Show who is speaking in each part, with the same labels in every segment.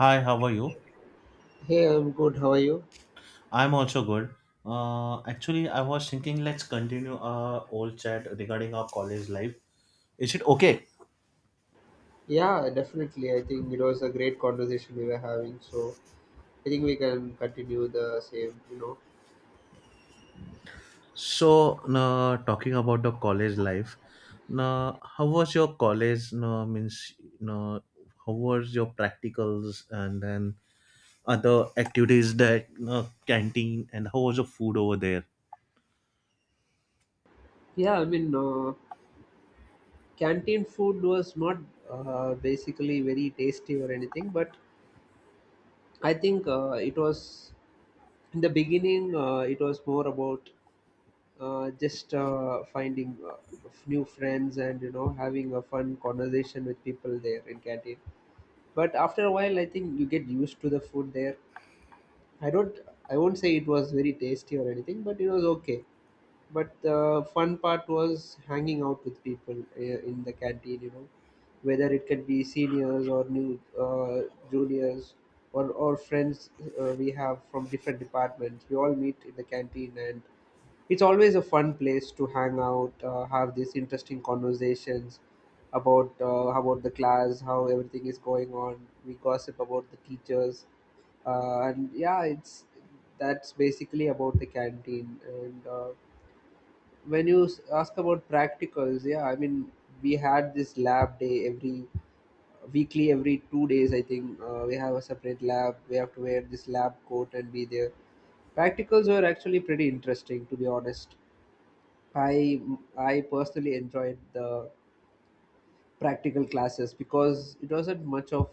Speaker 1: Hi, how are you?
Speaker 2: Hey, I'm good. How are you?
Speaker 1: I'm also good. Actually, I was thinking let's continue our old chat regarding our college life. Is it okay?
Speaker 2: Yeah, definitely. I think it was a great conversation we were having. So I think we can continue the same.
Speaker 1: So, talking about the college life, now how was your college? No, means no, how was your practicals and then other activities, that canteen, and how was the food over there?
Speaker 2: Yeah, I mean, canteen food was not basically very tasty or anything, but I think it was in the beginning. It was more about just finding, new friends, and having a fun conversation with people there in canteen. But after a while, I think you get used to the food there. I don't. I won't say it was very tasty or anything, but it was okay. But the fun part was hanging out with people, in the canteen, whether it can be seniors or new, uh, juniors, or friends we have from different departments. We all meet in the canteen, and it's always a fun place to hang out, have these interesting conversations about the class, how everything is going on. We gossip about the teachers, and yeah, it's that's basically about the canteen. And when you ask about practicals, yeah, I mean, we had this lab day every weekly, every 2 days, I think. We have a separate lab. We have to wear this lab coat and be there. Practicals were actually pretty interesting, to be honest. I I personally enjoyed the practical classes because it wasn't much of,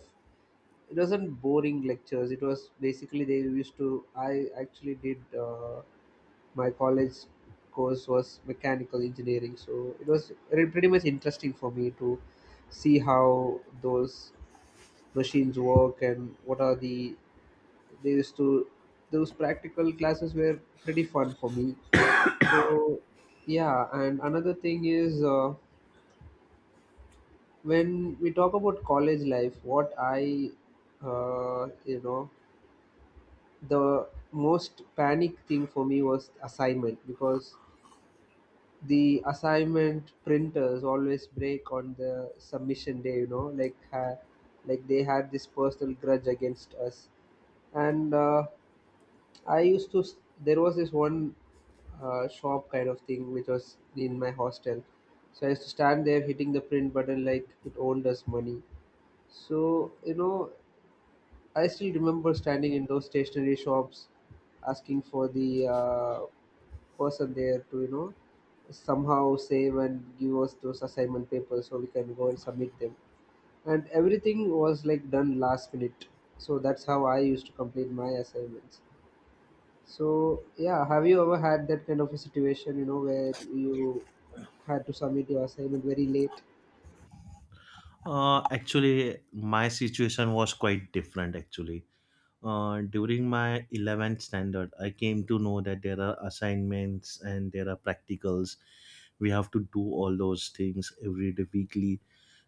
Speaker 2: it wasn't boring lectures. It was basically they used to. I actually did, my college course was mechanical engineering, so it was pretty much interesting for me to see how those machines work, and what are the, they used to, those practical classes were pretty fun for me. So yeah, and another thing is. When we talk about college life, what I, uh, you know the most panic thing for me was assignment, because the assignment printers always break on the submission day, like they had this personal grudge against us. And I used to s- there was this one shop kind of thing which was in my hostel, so I used to stand there hitting the print button like it owned us money. So, I still remember standing in those stationery shops asking for the, person there to, somehow save and give us those assignment papers so we can go and submit them. And everything was like done last minute. So that's how I used to complete my assignments. So, yeah, have you ever had that kind of a situation, where you had to submit your assignment very late?
Speaker 1: Actually, my situation was quite different. Actually, during my 11th standard, I came to know that there are assignments and there are practicals. We have to do all those things every day, weekly.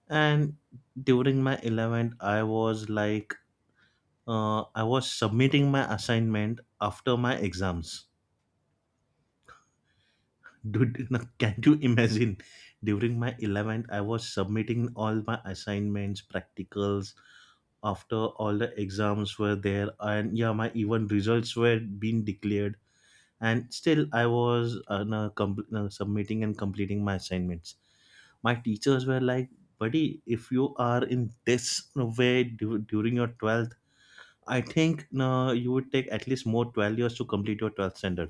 Speaker 1: And during my 11th, I was like, I was submitting my assignment after my exams. Dude, can you imagine? During my 11th, I was submitting all my assignments, practicals, after all the exams were there. And yeah, my even results were being declared, and still I was submitting and completing my assignments. My teachers were like, buddy, if you are in this way during your 12th, I think no, you would take at least more 12 years to complete your 12th standard.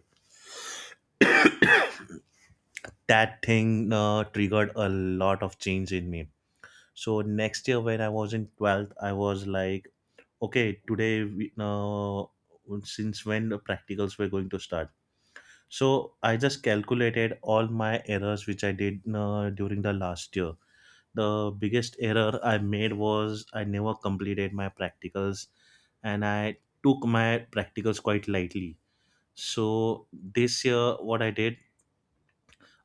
Speaker 1: That thing triggered a lot of change in me. So next year when I was in 12th, I was like, okay, today since when the practicals were going to start. So I just calculated all my errors which I did during the last year. The biggest error I made was I never completed my practicals, and I took my practicals quite lightly. So this year, what I did,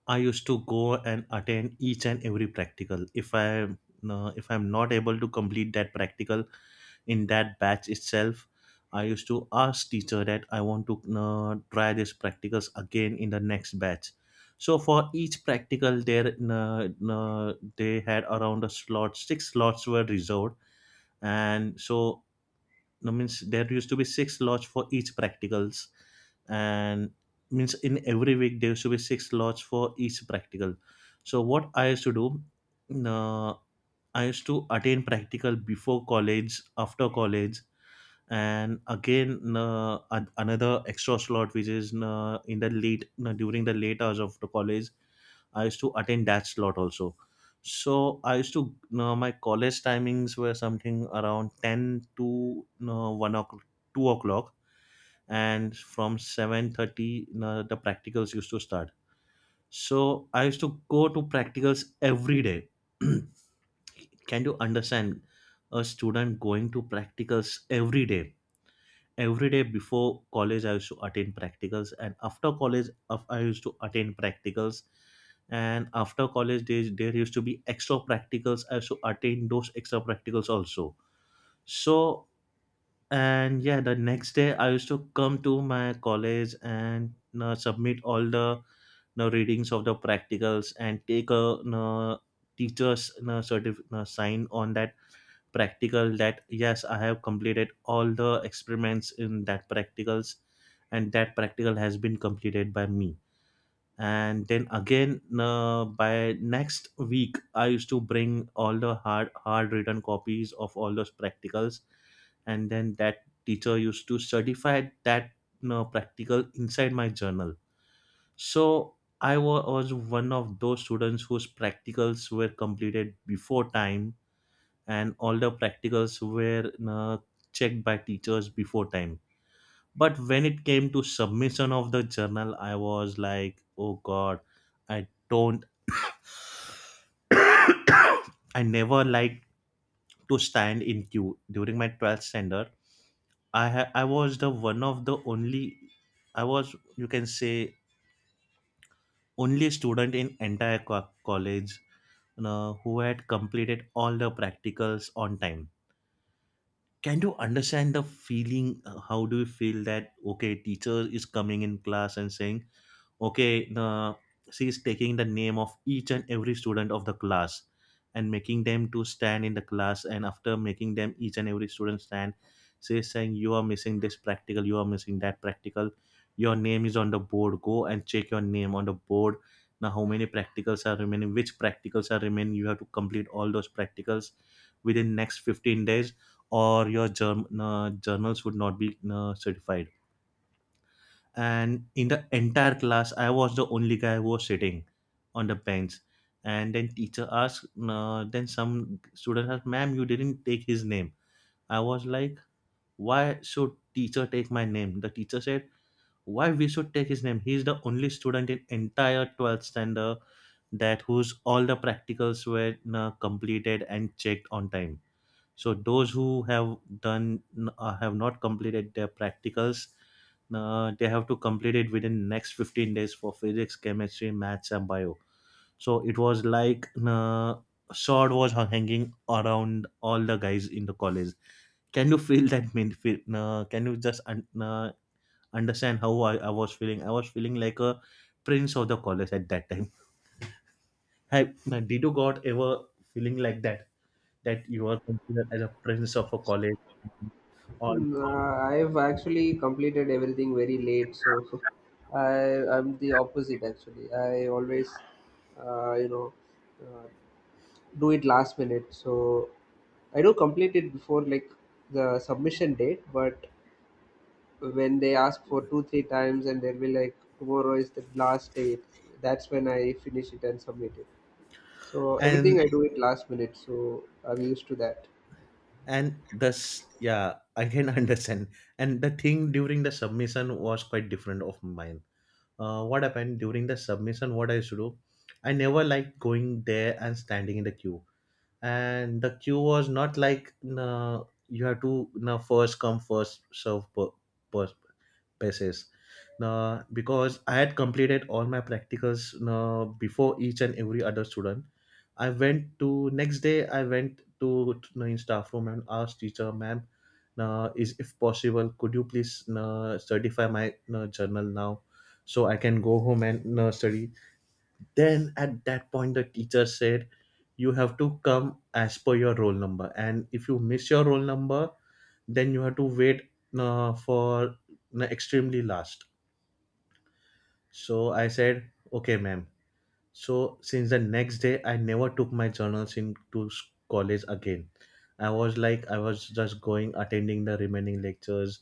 Speaker 1: I used to go and attend each and every practical. If I'm not able to complete that practical in that batch itself, I used to ask teacher that I want to try these practicals again in the next batch. So for each practical there they had around a slot six slots were reserved. And so that means there used to be six slots for each practicals. And means in every week there used to be six slots for each practical. So what I used to do, uh, I used to attend practical before college, after college, and again another extra slot which is in the late during the late hours of the college. I used to attend that slot also. So I used to my college timings were something around 10 to 1 o'clock, 2 o'clock, and from 7:30 the practicals used to start. So I used to go to practicals every day. Can you understand, a student going to practicals every day? Every day before college I used to attend practicals, and after college of I used to attend practicals. And after college days there used to be extra practicals, I used to attend those extra practicals also. So, and yeah, the next day I used to come to my college and submit all the readings of the practicals and take a teacher's sign on that practical, that yes, I have completed all the experiments in that practicals and that practical has been completed by me. And then again, by next week I used to bring all the hard written copies of all those practicals, and then that teacher used to certify that you practical inside my journal. So I was one of those students whose practicals were completed before time, and all the practicals were checked by teachers before time. But when it came to submission of the journal, I was like, oh god, i don't I never liked to stand in queue during my 12th standard. I I was the one of the only I was, you can say, only student in entire college, you know, who had completed all the practicals on time. Can you understand the feeling, how do you feel that, okay, teacher is coming in class and saying, okay, the she is taking the name of each and every student of the class and making them to stand in the class. And after making them each and every student stand, she is saying, you are missing this practical, you are missing that practical, your name is on the board, go and check your name on the board. Now how many practicals are remaining, which practicals are remaining, you have to complete all those practicals within next 15 days or your journals would not be certified. And in the entire class, I was the only guy who was sitting on the bench. And then teacher asked, then some student asked, ma'am, you didn't take his name. I was like, why should teacher take my name? The teacher said, why we should take his name? He's the only student in entire 12th standard that whose all the practicals were completed and checked on time. So those who have done have not completed their practicals, they have to complete it within next 15 days for physics, chemistry, maths and bio. So it was like, sword was hanging around all the guys in the college. Can you feel that mean feel, can you just understand how I was feeling? I was feeling like a prince of the college at that time. Have did you got ever feeling like that, that you are considered as a prince of a college, all?
Speaker 2: Hmm, I've actually completed everything very late, so I'm the opposite actually. I always, uh, you know, uh, do it last minute. So I do complete it before, like, the submission date, but when they ask for two three times and they'll be like tomorrow is the last date, that's when I finish it and submit it. So everything I
Speaker 1: And
Speaker 2: do it last minute, so I'm used to that.
Speaker 1: and thus Yeah, I can understand. And the thing during the submission was quite different of mine. What happened during the submission, what I used to do, I never liked going there and standing in the queue. And the queue was not like, uh, you have to first come first serve per, basis. Now, because I had completed all my practicals now before each and every other student, I went to next day. I went to, you know, in staff room and asked teacher, ma'am, now is if possible, could you please now certify my now journal now, so I can go home and now study. Then at that point, the teacher said, you have to come as per your roll number, and if you miss your roll number, then you have to wait for extremely last. So I said, okay, ma'am. So since the next day, I never took my journals into college again. I was like, I was just going, attending the remaining lectures,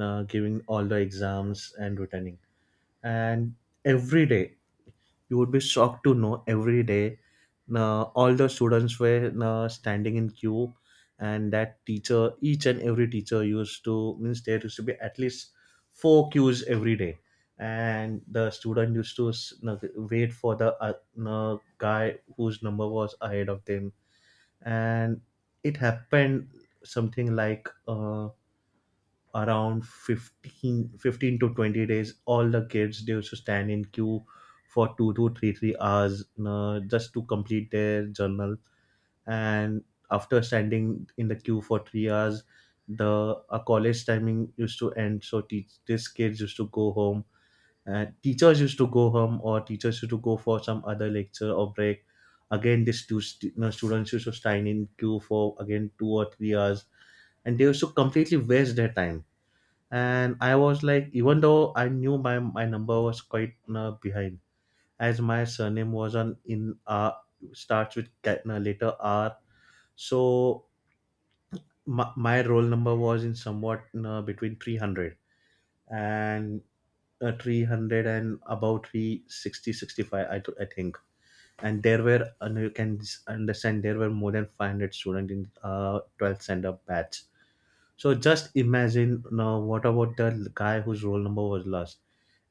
Speaker 1: giving all the exams, and returning. And every day, you would be shocked to know, every day all the students were standing in queue. And that teacher, each and every teacher used to, means there used to be at least four queues every day. And the student used to wait for the guy whose number was ahead of them. And it happened something like around 15 to 20 days, all the kids they used to stand in queue for two to three hours just to complete their journal. And after standing in the queue for 3 hours, the our college timing used to end, so teach these kids used to go home, and teachers used to go home, or teachers used to go for some other lecture or break. Again these you know, students used to stand in queue for again 2 or 3 hours, and they used to completely waste their time. And I was like, even though I knew my number was quite behind, as my surname was on in starts with letter R. So my roll number was in somewhat between 300 and 300 and about three sixty sixty five, I think. And there were, and you can understand, there were more than 500 students in 12th standard batch. So just imagine now what about the guy whose roll number was last?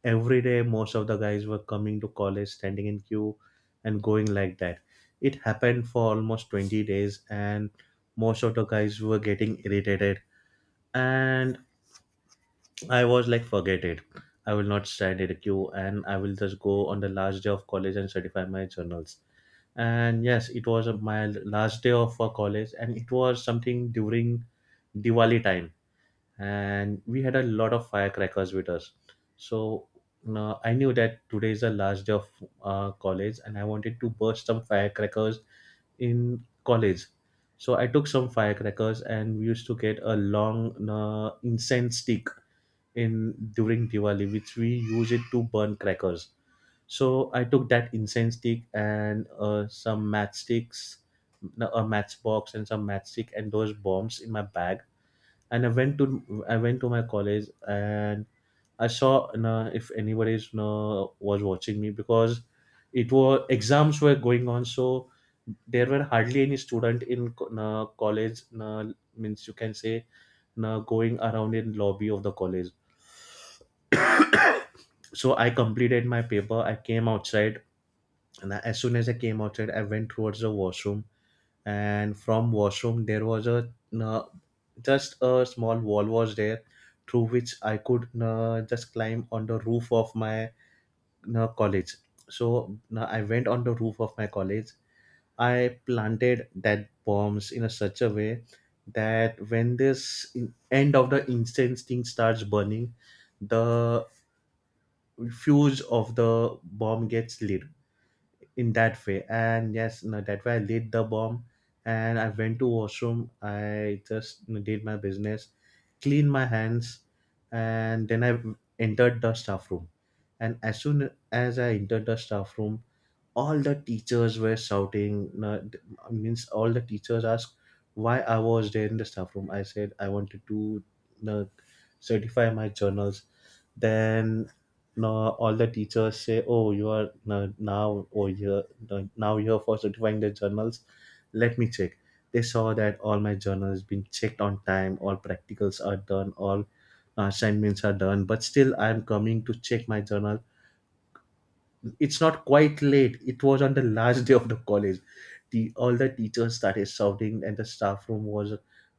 Speaker 1: Every day most of the guys were coming to college, standing in queue and going like that. It happened for almost 20 days, and most of the guys were getting irritated. And I was like, forget it. I will not stand in a queue, and I will just go on the last day of college and certify my journals. And yes, it was my last day of college, and it was something during Diwali time, and we had a lot of firecrackers with us. So now I knew that today is the last day of college, and I wanted to burst some firecrackers in college. So I took some firecrackers, and we used to get a long incense stick in during Diwali, which we use it to burn crackers. So I took that incense stick and some matchsticks, no, a matchbox and some matchstick and those bombs in my bag and I went to my college. And I saw, you know, if anybody is, you know, was watching me because it was exams were going on, so there were hardly any student in you know, college, you know, means you can say, you know, going around in lobby of the college. So I completed my paper, I came outside, and as soon as I came outside, I went towards the washroom. And from washroom there was a you just a small wall was there, through which I could just climb on the roof of my college. So I went on the roof of my college. I planted that bombs in a such a way that when this end of the incense thing starts burning, the fuse of the bomb gets lit in that way. And yes, no, that way I laid the bomb and I went to washroom. I just, you know, did my business, cleaned my hands, and then I entered the staff room. And as soon as I entered the staff room, all the teachers were shouting. No, th- Means all the teachers asked why I was there in the staff room. I said I wanted to, you know, certify my journals. Then now all the teachers say, oh, you are now, oh, you're now you're for certifying the journals, let me check. They saw that all my journals been checked on time, all practicals are done, all assignments are done, but still I am coming to check my journal. It's not quite late, it was on the last day of the college. The all the teachers started shouting and the staff room was.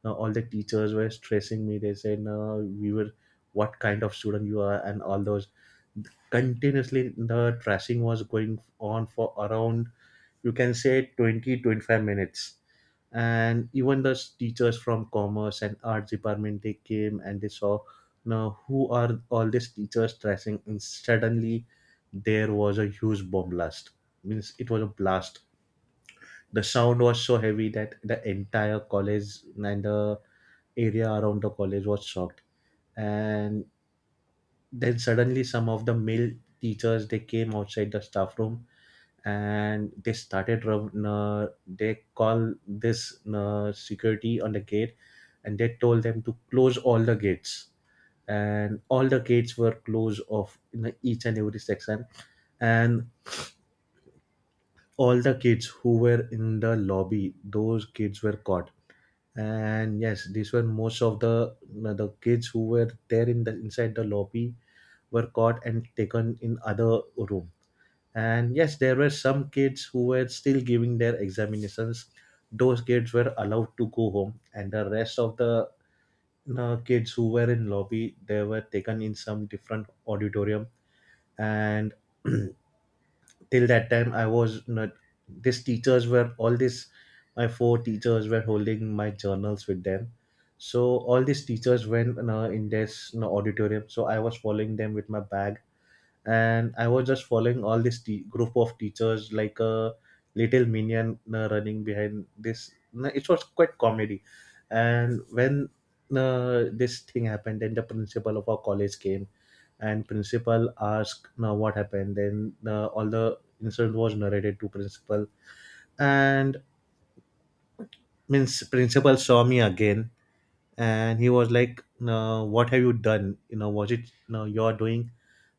Speaker 1: Now all the teachers were stressing me, they said, no, we were what kind of student you are and all those. Continuously the trashing was going on for around, you can say, 20-25 minutes. And even the teachers from commerce and arts department, they came and they saw, now who are all these teachers trashing. And suddenly there was a huge bomb blast, means it was a blast. The sound was so heavy that the entire college and the area around the college was shocked. And then suddenly some of the male teachers they came outside the staff room, and they started they call this security on the gate, and they told them to close all the gates. And all the gates were closed off in the each and every section. And all the kids who were in the lobby, those kids were caught. And yes, these were most of the kids who were there in the inside the lobby were caught and taken in other room. And yes, there were some kids who were still giving their examinations, those kids were allowed to go home. And the rest of the, you know, kids who were in lobby, they were taken in some different auditorium. And till that time I was not these teachers were all this. My four teachers were holding my journals with them, so all these teachers went, you know, in this, you know, auditorium, so I was following them with my bag. And I was just following all this group of teachers like a little minion running behind this. No, it was quite comedy. And when this thing happened, then the principal of our college came and principal asked, what happened. Then all the incident was narrated to principal, and means principal saw me again, and he was like, no, what have you done, you know, was it, no, you're doing.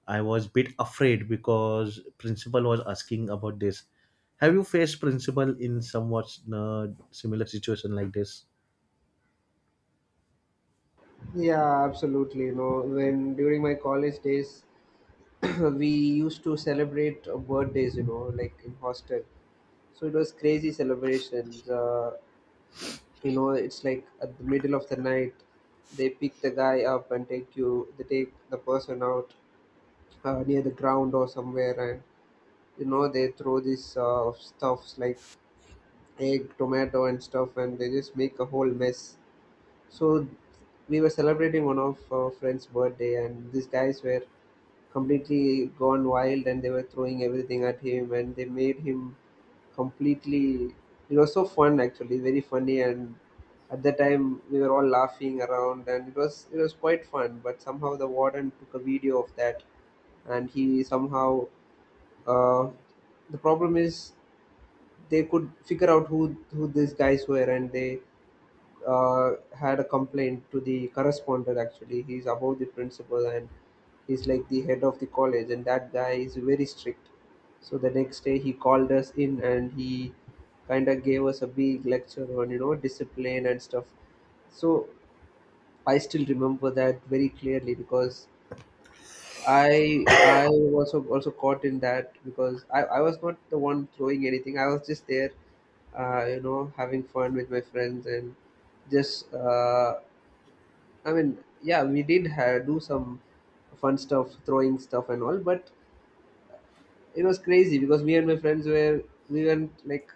Speaker 1: I was bit afraid because principal was asking about this. Have you faced principal in somewhat you similar situation like this?
Speaker 2: Yeah, absolutely. When during my college days, we used to celebrate birthdays, like in hostel. So it was crazy celebrations. It's like at the middle of the night, they pick the guy up and take you they take the person out, near the ground or somewhere, and they throw these stuffs like egg, tomato, and stuff, and they just make a whole mess. So we were celebrating one of our friend's birthday, and these guys were completely gone wild, and they were throwing everything at him, and they made him completely, it was so fun, actually very funny. And at the time we were all laughing around, and it was quite fun, but somehow the warden took a video of that, and he somehow, uh, the problem is they could figure out who these guys were, and they had a complaint to the correspondent. Actually, he's above the principal, and he's like the head of the college, and that guy is very strict. So the next day he called us in, and he kind of gave us a big lecture on, discipline and stuff. So I still remember that very clearly because I was also caught in that, because I was not the one throwing anything. I was just there, having fun with my friends, and just, I mean, yeah, we did ha do some fun stuff, throwing stuff and all, but it was crazy because me and my friends were, we went like,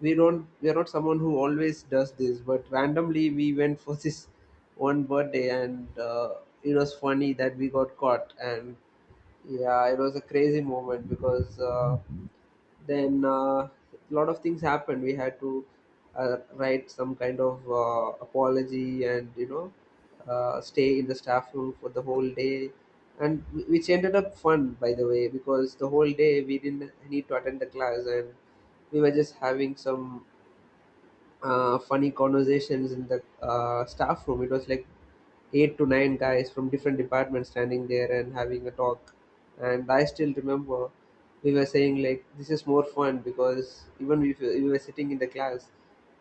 Speaker 2: we don't, we are not someone who always does this, but randomly we went for this one birthday, and it was funny that we got caught. And yeah, it was a crazy moment because, then a lot of things happened. We had to write some kind of apology, and stay in the staff room for the whole day, and which ended up fun, by the way, because the whole day we didn't need to attend the class, and we were just having some funny conversations in the staff room. It was like eight to nine guys from different departments standing there and having a talk. And I still remember we were saying like, this is more fun because even if we were sitting in the class,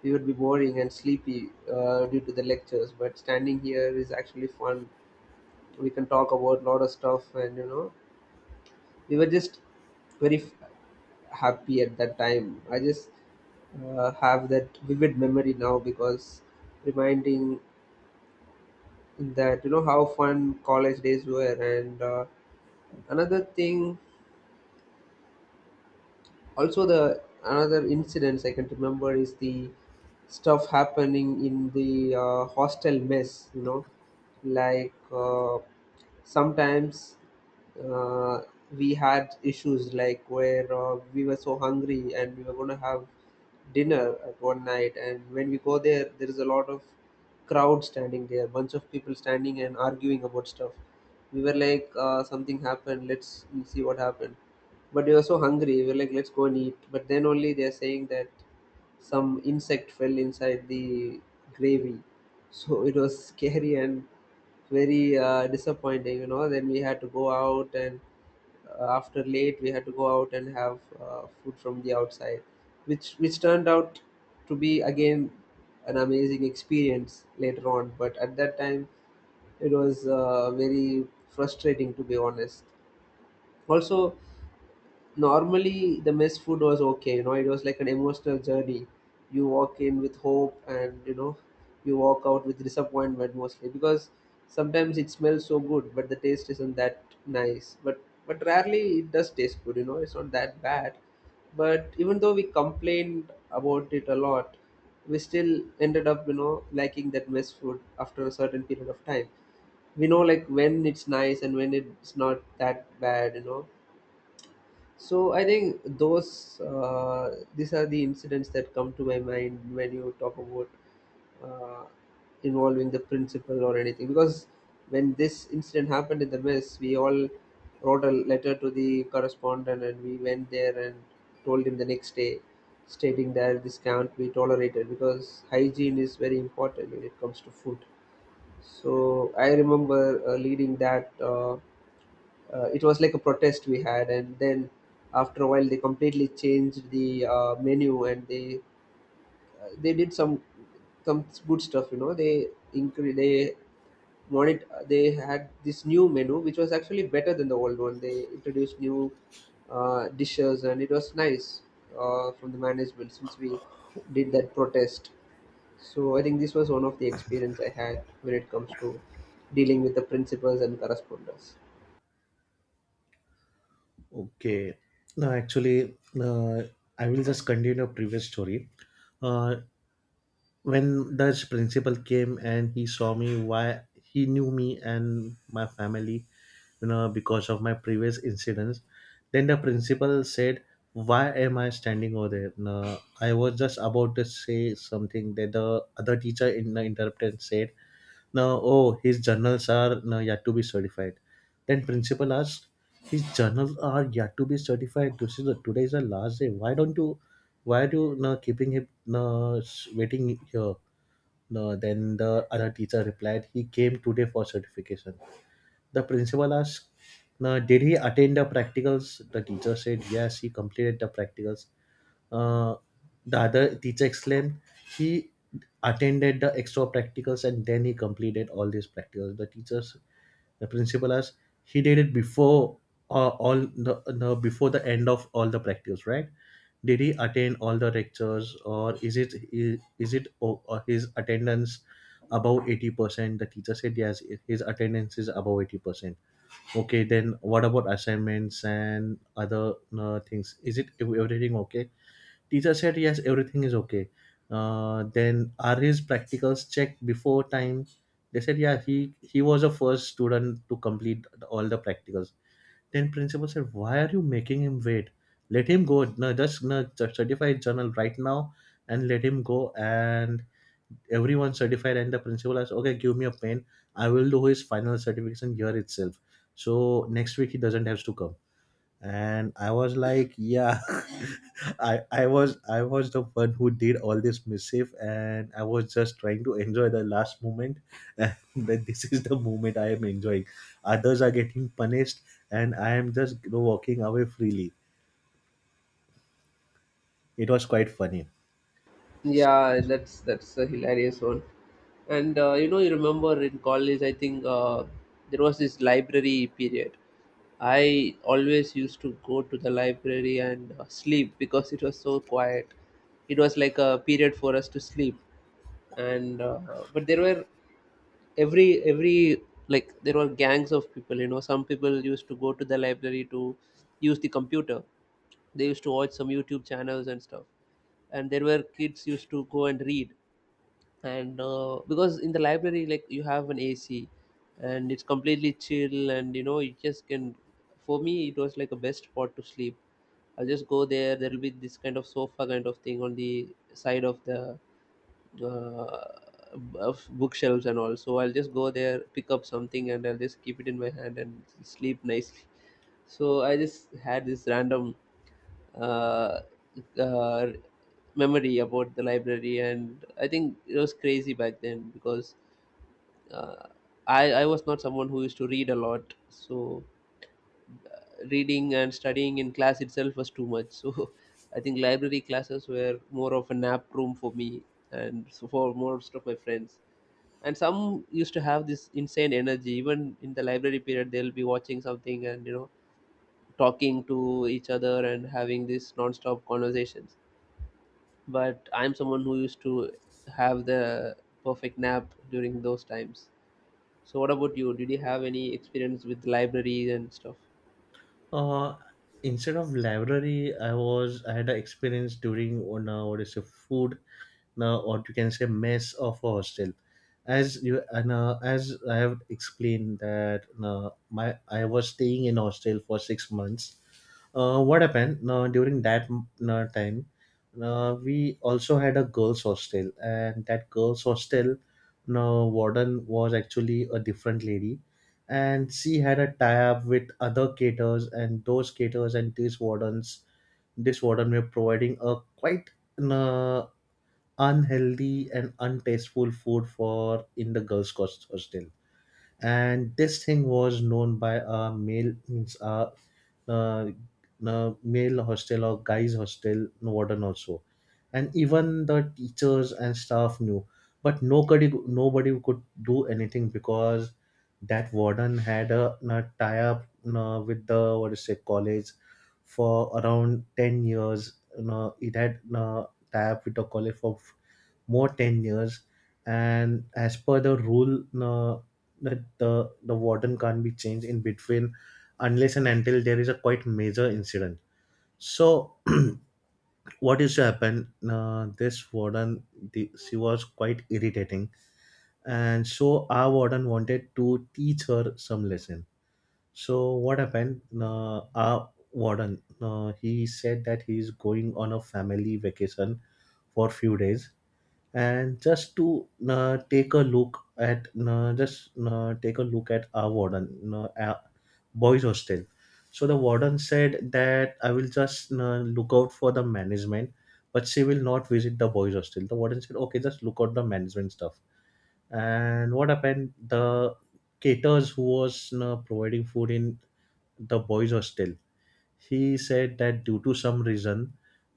Speaker 2: we would be boring and sleepy, due to the lectures. But standing here is actually fun. We can talk about a lot of stuff, and, we were just very happy at that time. I just, have that vivid memory now because reminding that you know how fun college days were, and, another thing, also, the another incidents I can remember is the stuff happening in the, hostel mess, like, sometimes, uh, we had issues like where, we were so hungry and we were going to have dinner at one night, and when we go there, there is a lot of crowd standing there, bunch of people standing and arguing about stuff. We were like, something happened, let's see what happened. But we were so hungry. We were like, let's go and eat. But then only they're saying that some insect fell inside the gravy. So it was scary and very, disappointing. Then we had to go out, and, after late, we had to go out and have, food from the outside, which turned out to be, again, an amazing experience later on. But at that time, it was, very frustrating, to be honest. Also, normally the mess food was okay. It was like an emotional journey. You walk in with hope, and you walk out with disappointment mostly, because sometimes it smells so good but the taste isn't that nice, but rarely it does taste good. It's not that bad. But even though we complained about it a lot, we still ended up, liking that mess food after a certain period of time. We know like when it's nice and when it's not that bad. So I think those these are the incidents that come to my mind when you talk about, uh, involving the principal or anything. Because when this incident happened in the mess, we all wrote a letter to the correspondent and we went there and told him the next day, stating that this can't be tolerated because hygiene is very important when it comes to food. So I remember, leading that. It was like a protest we had, and then after a while they completely changed the, menu, and they, did some good stuff. They, they wanted, they had this new menu which was actually better than the old one. They introduced new, dishes, and it was nice, from the management, since we did that protest. So I think this was one of the experience I had when it comes to dealing with the principals and correspondents.
Speaker 1: Okay. No, actually, uh, I will just continue a previous story. uh, when the principal came and he saw me, why he knew me and my family, you know, because of my previous incidents. Then the principal said, why am I standing over there. No, I was just about to say something that the other teacher in the interpreted said, no, oh, his journals are, no, yet to be certified. Then principal asked, his journals are yet to be certified, this is the, today is the last day, why don't you, why do you, no, keeping him, no, waiting here. No, then the other teacher replied, he came today for certification. The principal asked, "Now, did he attend the practicals?" The teacher said, yes, he completed the practicals. Uh, the other teacher exclaimed, he attended the extra practicals and then he completed all these practicals. The teachers, the principal asked, he did it before all the before the end of all the practicals, right? Did he attend all the lectures, or is it his attendance above 80%? The teacher said yes, his attendance is above 80%. Okay, then what about assignments and other things? Is it everything okay? Teacher said yes, everything is okay. Then are his practicals checked before time? They said yeah, he was the first student to complete all the practicals. Then principal said, "Why are you making him wait? Let him go. No, just no, just certify his journal right now, and let him go." And everyone certified, and the principal asked, "Okay, give me a pen. I will do his final certification here itself. So next week he doesn't have to come." And I was like, yeah. I was the one who did all this mischief and I was just trying to enjoy the last moment, and that this is the moment I am enjoying, others are getting punished, and I am just, you know, walking away freely. It was quite funny.
Speaker 2: Yeah, that's a hilarious one. And you remember in college, I think, there was this library period. I always used to go to the library and, sleep because it was so quiet. It was like a period for us to sleep. And, but there were, every like there were gangs of people. Some people used to go to the library to use the computer. They used to watch some YouTube channels and stuff, and there were kids used to go and read. And, because in the library, like, you have an AC and it's completely chill, and you just can, for me it was like a best spot to sleep. I'll just go there, there will be this kind of sofa kind of thing on the side of the, uh, of bookshelves and all, so I'll just go there, pick up something, and I'll just keep it in my hand and sleep nicely. So I just had this random, uh, uh, memory about the library, and I think it was crazy back then because, uh, I was not someone who used to read a lot, so, uh, reading and studying in class itself was too much. So I think library classes were more of a nap room for me, and so for most of my friends. And some used to have this insane energy. Even in the library period they'll be watching something, and, talking to each other and having these non-stop conversations, but I'm someone who used to have the perfect nap during those times. So what about you? Did you have any experience with libraries and stuff?
Speaker 1: uh Instead of library, I had an experience during on what is it food, now what you can say, mess of a hostel. As you and as I have explained that my I was staying in hostel for 6 months. What happened now during that time, we also had a girls hostel. And that girls hostel, now warden was actually a different lady, and she had a tie-up with other caterers. And those caterers and these wardens this warden were providing a quite uh, unhealthy and untasteful food for in the girls' hostel. And this thing was known by a male means a, uh, male hostel or guys' hostel warden also, and even the teachers and staff knew. But nobody could do anything because that warden had a tie up with the what is it college for around 10 years, you know, it had tie up with the college for more 10 years. And as per the rule, uh, that the warden can't be changed in between unless and until there is a quite major incident. So what is to happen, this warden, she was quite irritating, and so our warden wanted to teach her some lesson. So what happened, our warden, he said that he is going on a family vacation for few days, and just to take a look at just take a look at our warden, our boys hostel. So the warden said that I will just look out for the management, but she will not visit the boys hostel. The warden said okay, just look out the management stuff. And what happened, the caterers who was providing food in the boys hostel, he said that due to some reason,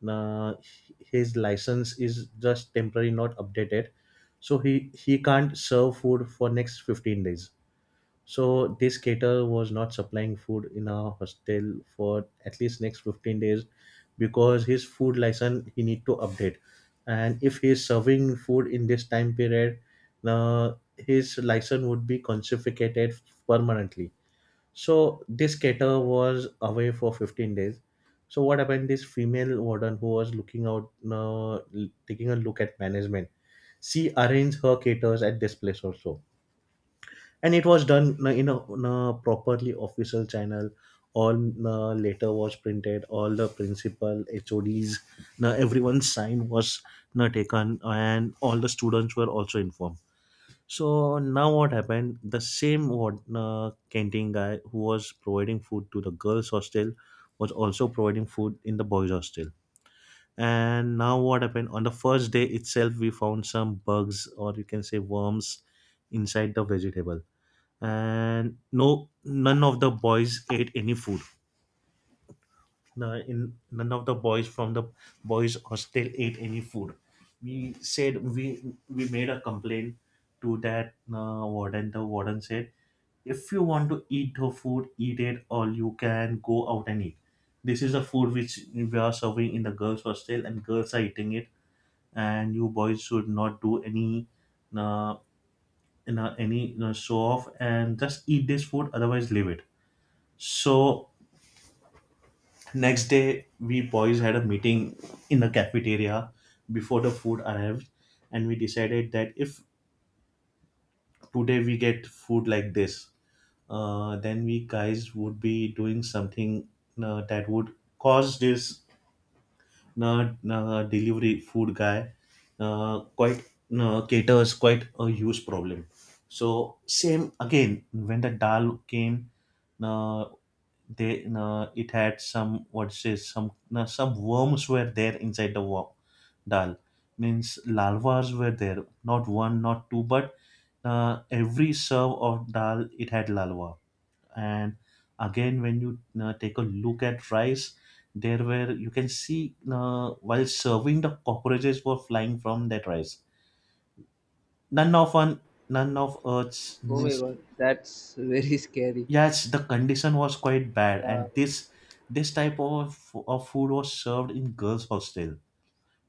Speaker 1: uh, his license is just temporary not updated, so he can't serve food for next 15 days. So this caterer was not supplying food in our hostel for at least next 15 days because his food license he need to update, and if he is serving food in this time period, his license would be confiscated permanently. So this caterer was away for 15 days. So what happened? This female warden who was looking out, taking a look at management, she arranged her caterers at this place also, and it was done in a properly official channel. All letter was printed. All the principal, HODs, everyone's sign was taken, and all the students were also informed. So now what happened? The same what canteen guy who was providing food to the girls hostel was also providing food in the boys hostel. And now what happened? On the first day itself, we found some bugs, or you can say worms, inside the vegetable. And no, none of the boys ate any food. No, in none of the boys from the boys hostel ate any food. We said we made a complaint to that warden. The warden said, "If you want to eat the food, eat it, or you can go out and eat. This is the food which we are serving in the girls' hostel, and girls are eating it. And you boys should not do any, uh, any show off and just eat this food. Otherwise, leave it." So Next day, we boys had a meeting in the cafeteria before the food arrived, and we decided that if today we get food like this, then we guys would be doing something that would cause this delivery food guy quite caters quite a huge problem. So same again when the dal came, uh, they it had some what says some worms were there inside the dal, means larvas were there, not one, not two, but every serve of dal it had larva. And again when you take a look at rice, there were, you can see, while serving the cockroaches were flying from that rice. None of one none of us
Speaker 2: Oh my
Speaker 1: means,
Speaker 2: god, that's very scary.
Speaker 1: yes, the condition was quite bad.
Speaker 2: Yeah.
Speaker 1: And this type of food was served in girls hostel,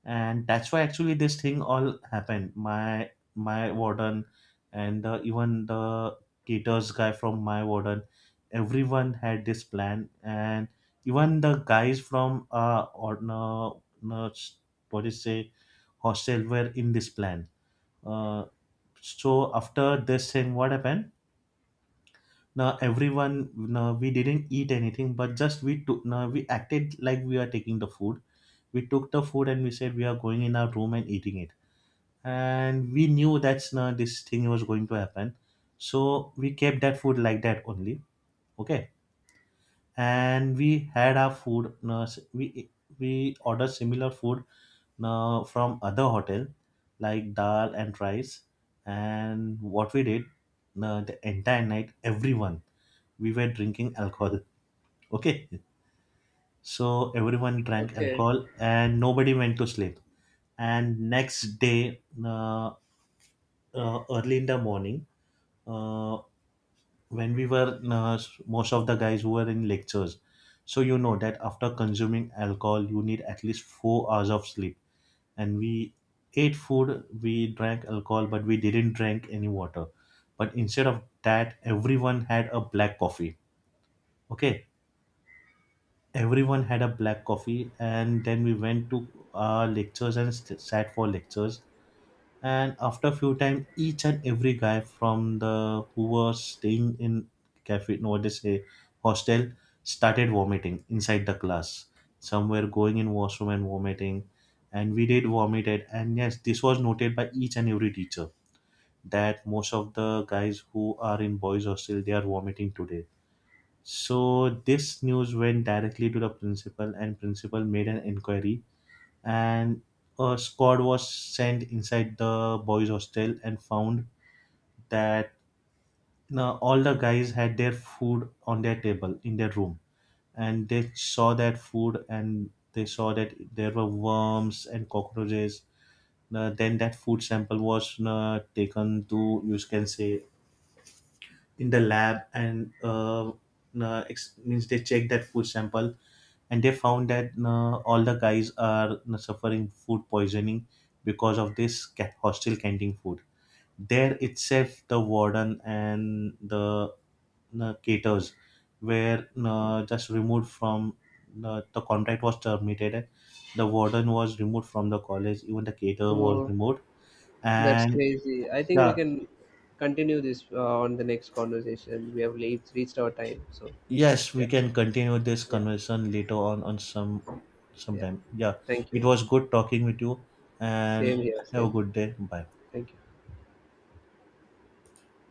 Speaker 1: and that's why actually this thing all happened. My warden and even the caterers guy, from my warden, everyone had this plan. And even the guys from or no, no, what is say, hostel, were in this plan. uh so after this thing what happened, now everyone, now we didn't eat anything, but just we took, now we acted like we are taking the food. We took the food and we said we are going in our room and eating it, and we knew that's not, this thing was going to happen. So we kept that food like that only. Okay. And we had our food. No, we ordered similar food, no, from other hotel, like dal and rice. And what we did, no, the entire night everyone, we were drinking alcohol. Okay. So everyone drank
Speaker 2: Okay.
Speaker 1: alcohol and nobody went to sleep. And next day, early in the morning, uh, when we were most of the guys who were in lectures, so you know that after consuming alcohol you need at least 4 hours of sleep. And we ate food, we drank alcohol, but we didn't drink any water. But instead of that, everyone had a black coffee. Okay. Everyone had a black coffee, and then we went to our lectures and sat for lectures. And after a few time, each and every guy from the who was staying in cafe, no, what they say, hostel, started vomiting inside the class. Some were going in washroom and vomiting, and we did vomited. And yes, this was noted by each and every teacher that most of the guys who are in boys hostel, they are vomiting today. So this news went directly to the principal, and principal made an inquiry. And a squad was sent inside the boys' hostel and found that now all the guys had their food on their table in their room. And they saw that food, and they saw that there were worms and cockroaches. Now, then that food sample was taken to, you can say, in the lab, and means they checked that food sample, and they found that all the guys are suffering food poisoning because of this hostel canteen food. There itself, the warden and the caterers were just removed from the contract was terminated. The warden was removed from the college. Even the caterer was
Speaker 2: Oh,
Speaker 1: removed,
Speaker 2: that's
Speaker 1: and
Speaker 2: crazy. I think we
Speaker 1: yeah,
Speaker 2: can continue this, on the next conversation. We have late, reached our time. So
Speaker 1: yes, we
Speaker 2: yeah,
Speaker 1: can continue this
Speaker 2: yeah,
Speaker 1: conversation later on some
Speaker 2: yeah.
Speaker 1: sometime. Yeah,
Speaker 2: Thank
Speaker 1: it
Speaker 2: you.
Speaker 1: was good talking with you, and
Speaker 2: Same here.
Speaker 1: have a
Speaker 2: Same. Here.
Speaker 1: good day. Bye.
Speaker 2: Thank you.